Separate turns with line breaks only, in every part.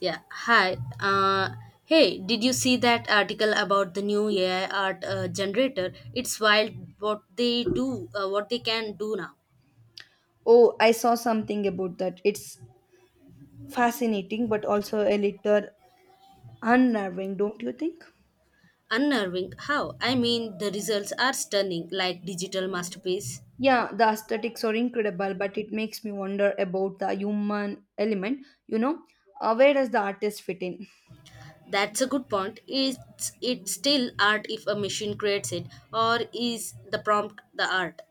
Yeah, hi. Hey, did you see that article about the new AI art generator? It's wild what they do, what they can do now.
Oh, I saw something about that. It's fascinating, but also a little unnerving, don't you think?
Unnerving. How? I mean, the results are stunning, like digital masterpiece.
Yeah, the aesthetics are incredible, but it makes me wonder about the human element, you know? Where does the artist fit in?
That's a good point. Is it still art if a machine creates it, or is the prompt the art?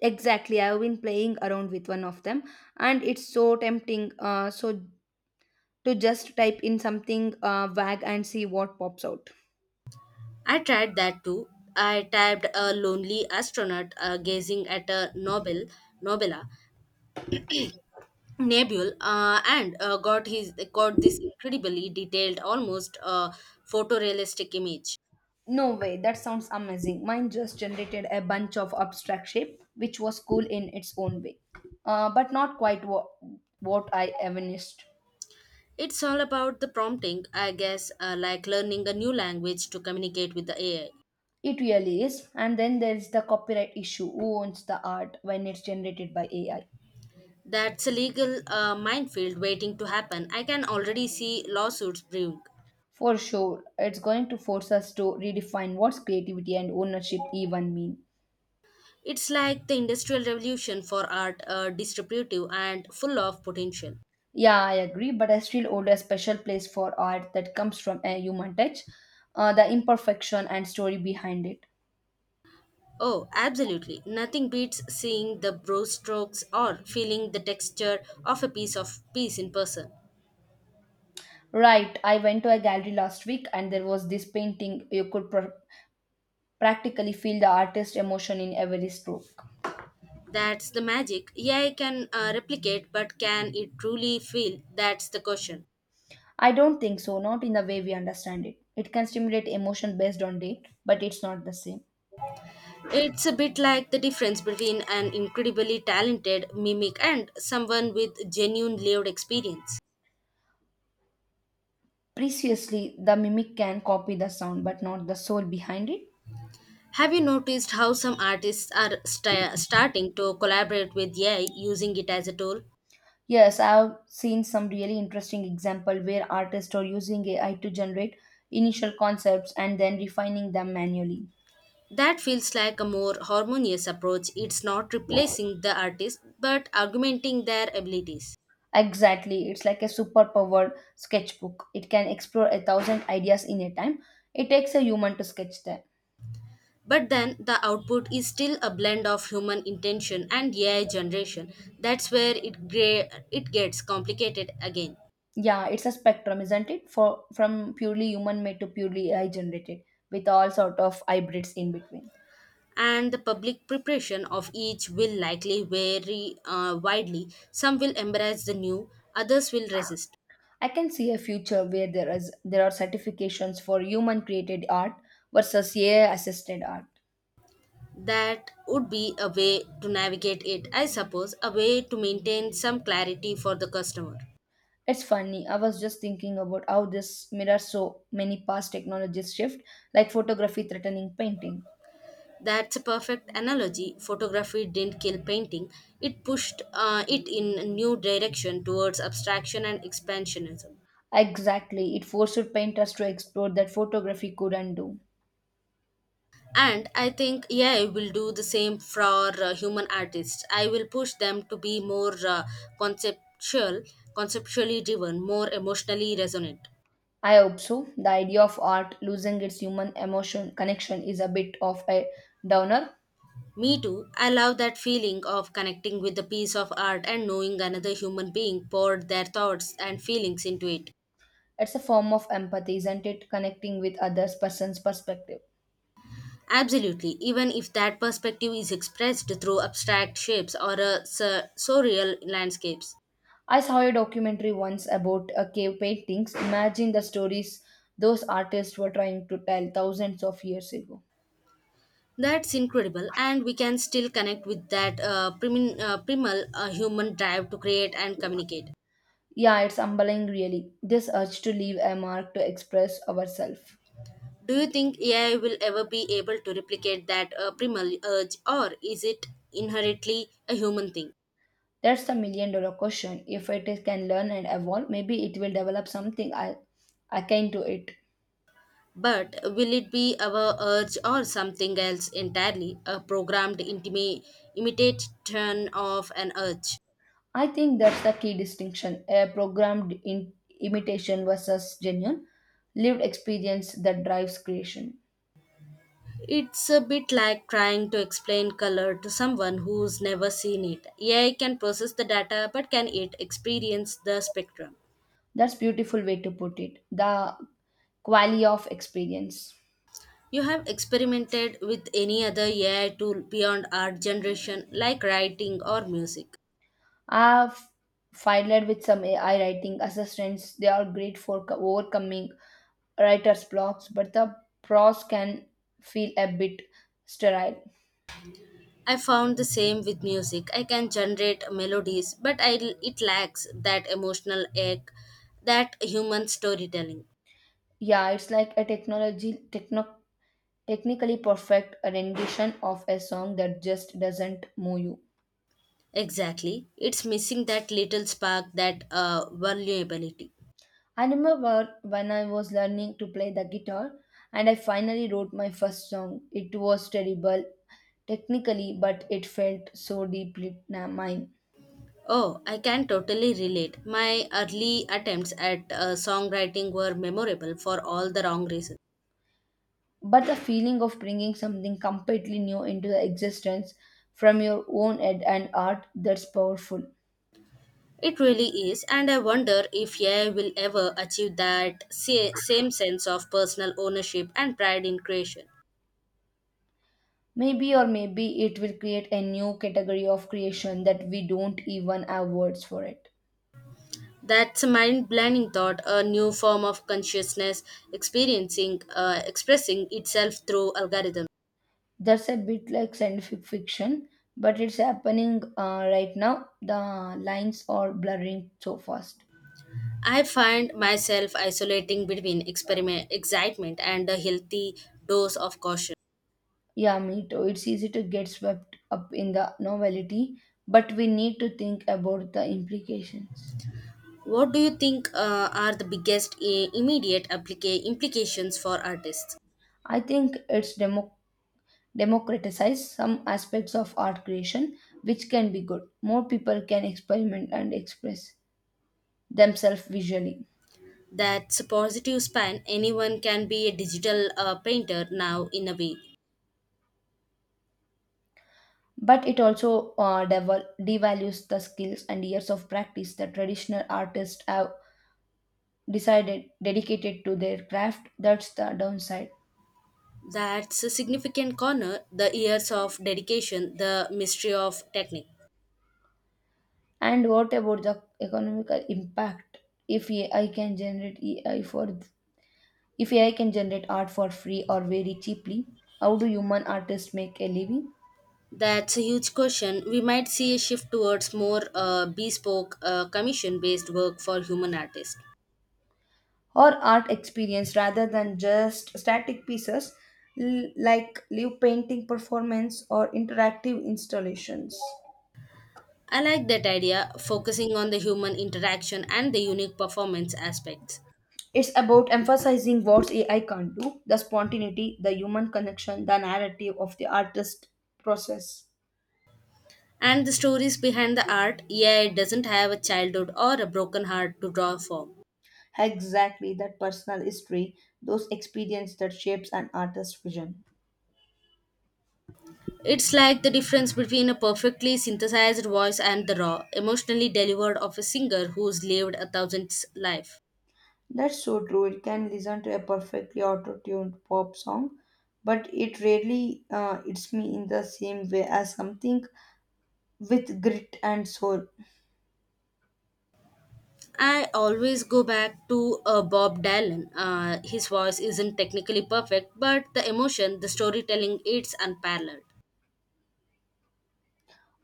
Exactly, I've been playing around with one of them, and it's so tempting. So to just type in something vague and see what pops out.
I tried that too. I typed a lonely astronaut gazing at a Nobel Nobela Nebul and got this incredibly detailed, almost photorealistic image.
No way, that sounds amazing. Mine just generated a bunch of abstract shape, which was cool in its own way, but not quite what I evidenced.
It's all about the prompting, I guess, like learning a new language to communicate with the AI.
It really is. And then there's the copyright issue who owns the art when it's generated by AI?
That's a legal minefield waiting to happen. I can already see lawsuits brewing.
For sure, it's going to force us to redefine what's creativity and ownership even mean.
It's like the industrial revolution for art, distributive and full of potential.
Yeah, I agree, but I still hold a special place for art that comes from a human touch, the imperfection and story behind it.
Oh, absolutely. Nothing beats seeing the brushstrokes or feeling the texture of a piece in person.
Right, I went to a gallery last week and there was this painting. You could practically feel the artist's emotion in every stroke.
That's the magic. AI can replicate, but can it truly feel? That's the question.
I don't think so, not in the way we understand it. It can stimulate emotion based on date, but it's not the same.
It's a bit like the difference between an incredibly talented mimic and someone with genuine lived experience.
Preciously, the mimic can copy the sound but not the soul behind it.
Have you noticed how some artists are starting to collaborate with AI using it as a tool?
Yes, I've seen some really interesting example where artists are using AI to generate initial concepts and then refining them manually.
That feels like a more harmonious approach. It's not replacing the artist, but augmenting their abilities.
Exactly. It's like a superpower sketchbook. It can explore a thousand ideas in a time. It takes a human to sketch them.
But then the output is still a blend of human intention and AI generation. That's where it gets complicated again.
Yeah, it's a spectrum, isn't it? For from purely human made to purely AI generated, with all sort of hybrids in between.
And the public preparation of each will likely vary widely. Some will embrace the new, others will resist.
I can see a future where there are certifications for human created art versus AI assisted art.
That would be a way to navigate it, I suppose, a way to maintain some clarity for the customer.
It's funny. I was just thinking about how this mirrors so many past technologies shift, like photography threatening painting.
That's a perfect analogy. Photography didn't kill painting, it pushed it in a new direction towards abstraction and expansionism.
Exactly. It forced painters to explore that photography couldn't do.
And I think AI will do the same for human artists. I will push them to be more conceptual, conceptually driven, more emotionally resonant.
I hope so. The idea of art losing its human emotion connection is a bit of a downer.
Me too. I love that feeling of connecting with a piece of art and knowing another human being poured their thoughts and feelings into it.
It's a form of empathy, isn't it? Connecting with others' person's perspective.
Absolutely, even if that perspective is expressed through abstract shapes or surreal landscapes.
I saw a documentary once about cave paintings. Imagine the stories those artists were trying to tell thousands of years ago.
That's incredible, and we can still connect with that primal human drive to create and communicate.
Yeah, it's humbling, really. This urge to leave a mark to express ourselves.
Do you think AI will ever be able to replicate that primal urge, or is it inherently a human thing?
That's the million dollar question. If it is, can learn and evolve, maybe it will develop something I akin to it.
But will it be our urge or something else entirely, a programmed imitation of an urge?
I think that's the key distinction a programmed in imitation versus genuine lived experience that drives creation.
It's a bit like trying to explain color to someone who's never seen it. AI can process the data, but can it experience the spectrum?
That's beautiful way to put it. The quality of experience.
You have experimented with any other AI tool beyond art generation, like writing or music.
I've filed with some AI writing assistants. They are great for overcoming writer's blocks, but the prose can feel a bit sterile.
I found the same with music. I can generate melodies, but it lacks that emotional ache, that human storytelling.
Yeah, it's like a technically perfect rendition of a song that just doesn't move you.
Exactly. It's missing that little spark, that vulnerability.
I remember when I was learning to play the guitar and I finally wrote my first song. It was terrible technically, but it felt so deeply mine.
Oh, I can totally relate. My early attempts at songwriting were memorable for all the wrong reasons.
But the feeling of bringing something completely new into the existence from your own head and art that's powerful.
It really is, and I wonder if AI will ever achieve that same sense of personal ownership and pride in creation.
Maybe or maybe it will create a new category of creation that we don't even have words for it.
That's a mind blowing thought, a new form of consciousness expressing itself through algorithms.
That's a bit like scientific fiction, but it's happening right now. The lines are blurring so fast.
I find myself isolating between experiment, excitement and a healthy dose of caution.
Yeah, me too. It's easy to get swept up in the novelty, but we need to think about the implications.
What do you think are the biggest immediate implications for artists?
I think it's democratized some aspects of art creation, which can be good. More people can experiment and express themselves visually.
That's a positive span. Anyone can be a digital painter now, in a way.
But it also devalues the skills and years of practice that traditional artists have decided dedicated to their craft. That's the downside.
That's a significant corner, the years of dedication, the mystery of technique.
And what about the economical impact? If AI can generate AI for If AI can generate art for free or very cheaply, how do human artists make a living?
That's a huge question. We might see a shift towards more bespoke, commission based work for human artists.
Or art experience rather than just static pieces like live painting performance or interactive installations.
I like that idea, focusing on the human interaction and the unique performance aspects.
It's about emphasizing what AI can't do the spontaneity, the human connection, the narrative of the artist process.
And the stories behind the art, yeah, it doesn't have a childhood or a broken heart to draw from.
Exactly, that personal history, those experience that shapes an artist's vision.
It's like the difference between a perfectly synthesized voice and the raw, emotionally delivered of a singer who's lived a thousand's life.
That's so true. It can listen to a perfectly auto-tuned pop song, but it rarely it's me in the same way as something with grit and soul.
I always go back to Bob Dylan. His voice isn't technically perfect, but the emotion, the storytelling, it's unparalleled.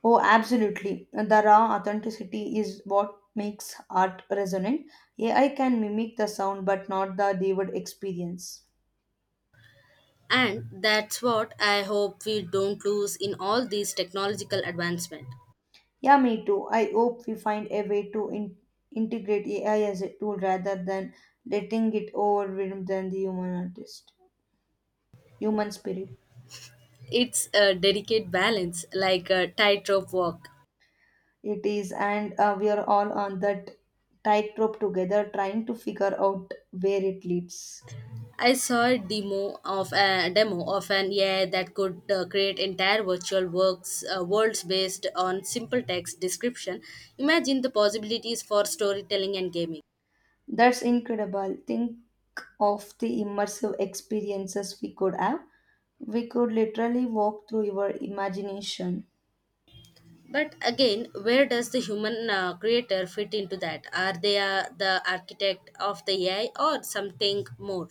Oh, absolutely. The raw authenticity is what makes art resonant. AI can mimic the sound but not the layered experience.
And that's what I hope we don't lose in all these technological advancement.
Yeah, me too. I hope we find a way to integrate AI as a tool rather than letting it overwhelm than the human artist, human spirit.
It's a delicate balance, like a tightrope walk.
It is, and we are all on that tightrope together, trying to figure out where it leads.
I saw a demo of an AI that could create entire virtual works worlds based on simple text description. Imagine the possibilities for storytelling and gaming.
That's incredible. Think of the immersive experiences we could have. We could literally walk through your imagination.
But again, where does the human creator fit into that? Are they the architect of the AI or something more?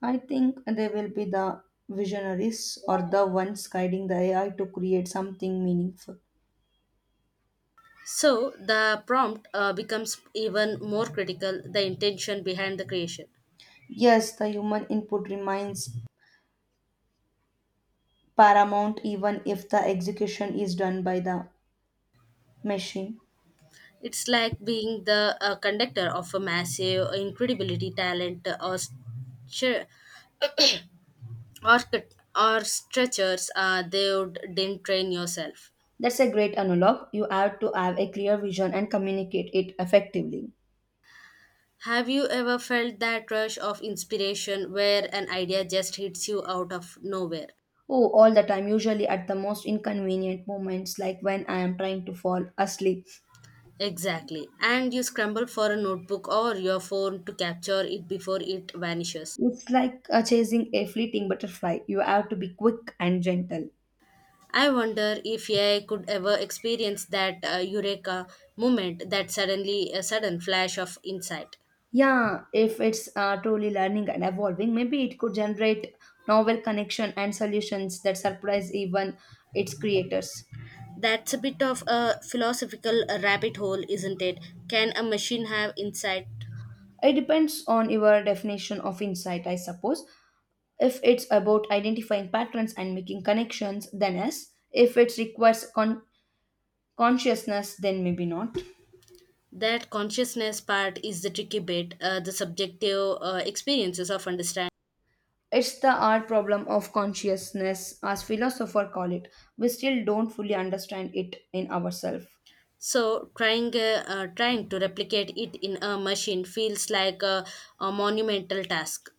I think they will be the visionaries or the ones guiding the AI to create something meaningful.
So the prompt becomes even more critical, the intention behind the creation.
Yes, the human input remains paramount even if the execution is done by the machine.
It's like being the conductor of a massive, incredibility talent or or stretchers. They would, didn't train yourself.
That's a great analog. You have to have a clear vision and communicate it effectively.
Have you ever felt that rush of inspiration where an idea just hits you out of nowhere?
Oh, all the time, usually at the most inconvenient moments, like when I am trying to fall asleep.
Exactly, and you scramble for a notebook or your phone to capture it before it vanishes.
It's like chasing a fleeting butterfly. You have to be quick and gentle.
I wonder if AI could ever experience that eureka moment, that sudden flash of insight.
Yeah, if it's truly learning and evolving, maybe it could generate novel connection and solutions that surprise even its creators.
That's a bit of a philosophical rabbit hole, isn't it? Can a machine have insight?
It depends on your definition of insight, I suppose. If it's about identifying patterns and making connections, then yes. If it requires consciousness, then maybe not.
That consciousness part is the tricky bit, the subjective experiences of understanding.
It's the art problem of consciousness, as philosophers call it. We still don't fully understand it in ourselves.
So, trying to replicate it in a machine feels like a monumental task.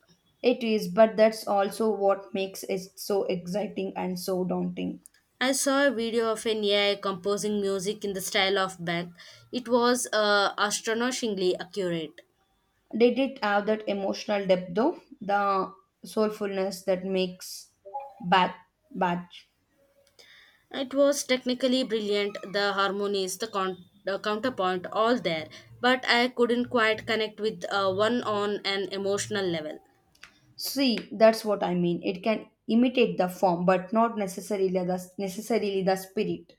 It is, but that's also what makes it so exciting and so daunting.
I saw a video of an AI composing music in the style of Bach. It was astonishingly accurate.
Did it have that emotional depth though? The soulfulness that makes bad bad.
It was technically brilliant, the harmonies, the counterpoint, all there, but I couldn't quite connect with one on an emotional level.
See, that's what I mean. It can imitate the form, but not necessarily the spirit.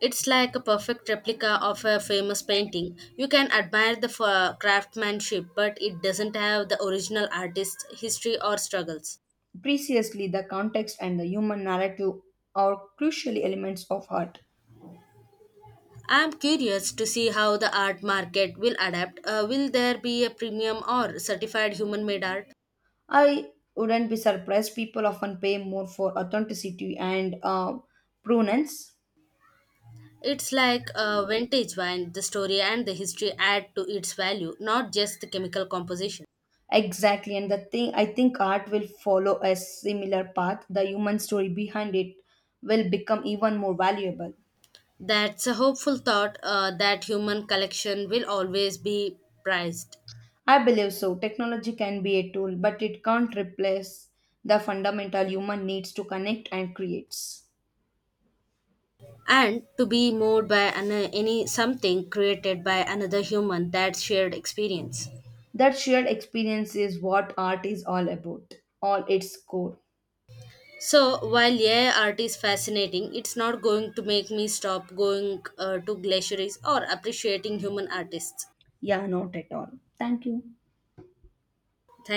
It's like a perfect replica of a famous painting. You can admire the craftsmanship, but it doesn't have the original artist's history or struggles.
Preciously, the context and the human narrative are crucial elements of art.
I'm curious to see how the art market will adapt. Will there be a premium or certified human made art?
I wouldn't be surprised people often pay more for authenticity and provenance.
It's like a vintage wine, the story and the history add to its value, not just the chemical composition.
Exactly, and the thing I think art will follow a similar path. The human story behind it will become even more valuable.
That's a hopeful thought that human collection will always be prized.
I believe so. Technology can be a tool, but it can't replace the fundamental human needs to connect and create.
And to be moved by any something created by another human, that shared experience.
That shared experience is what art is all about, all its core.
So while yeah, art is fascinating, it's not going to make me stop going to glaciers or appreciating human artists.
Yeah, not at all. Thank you.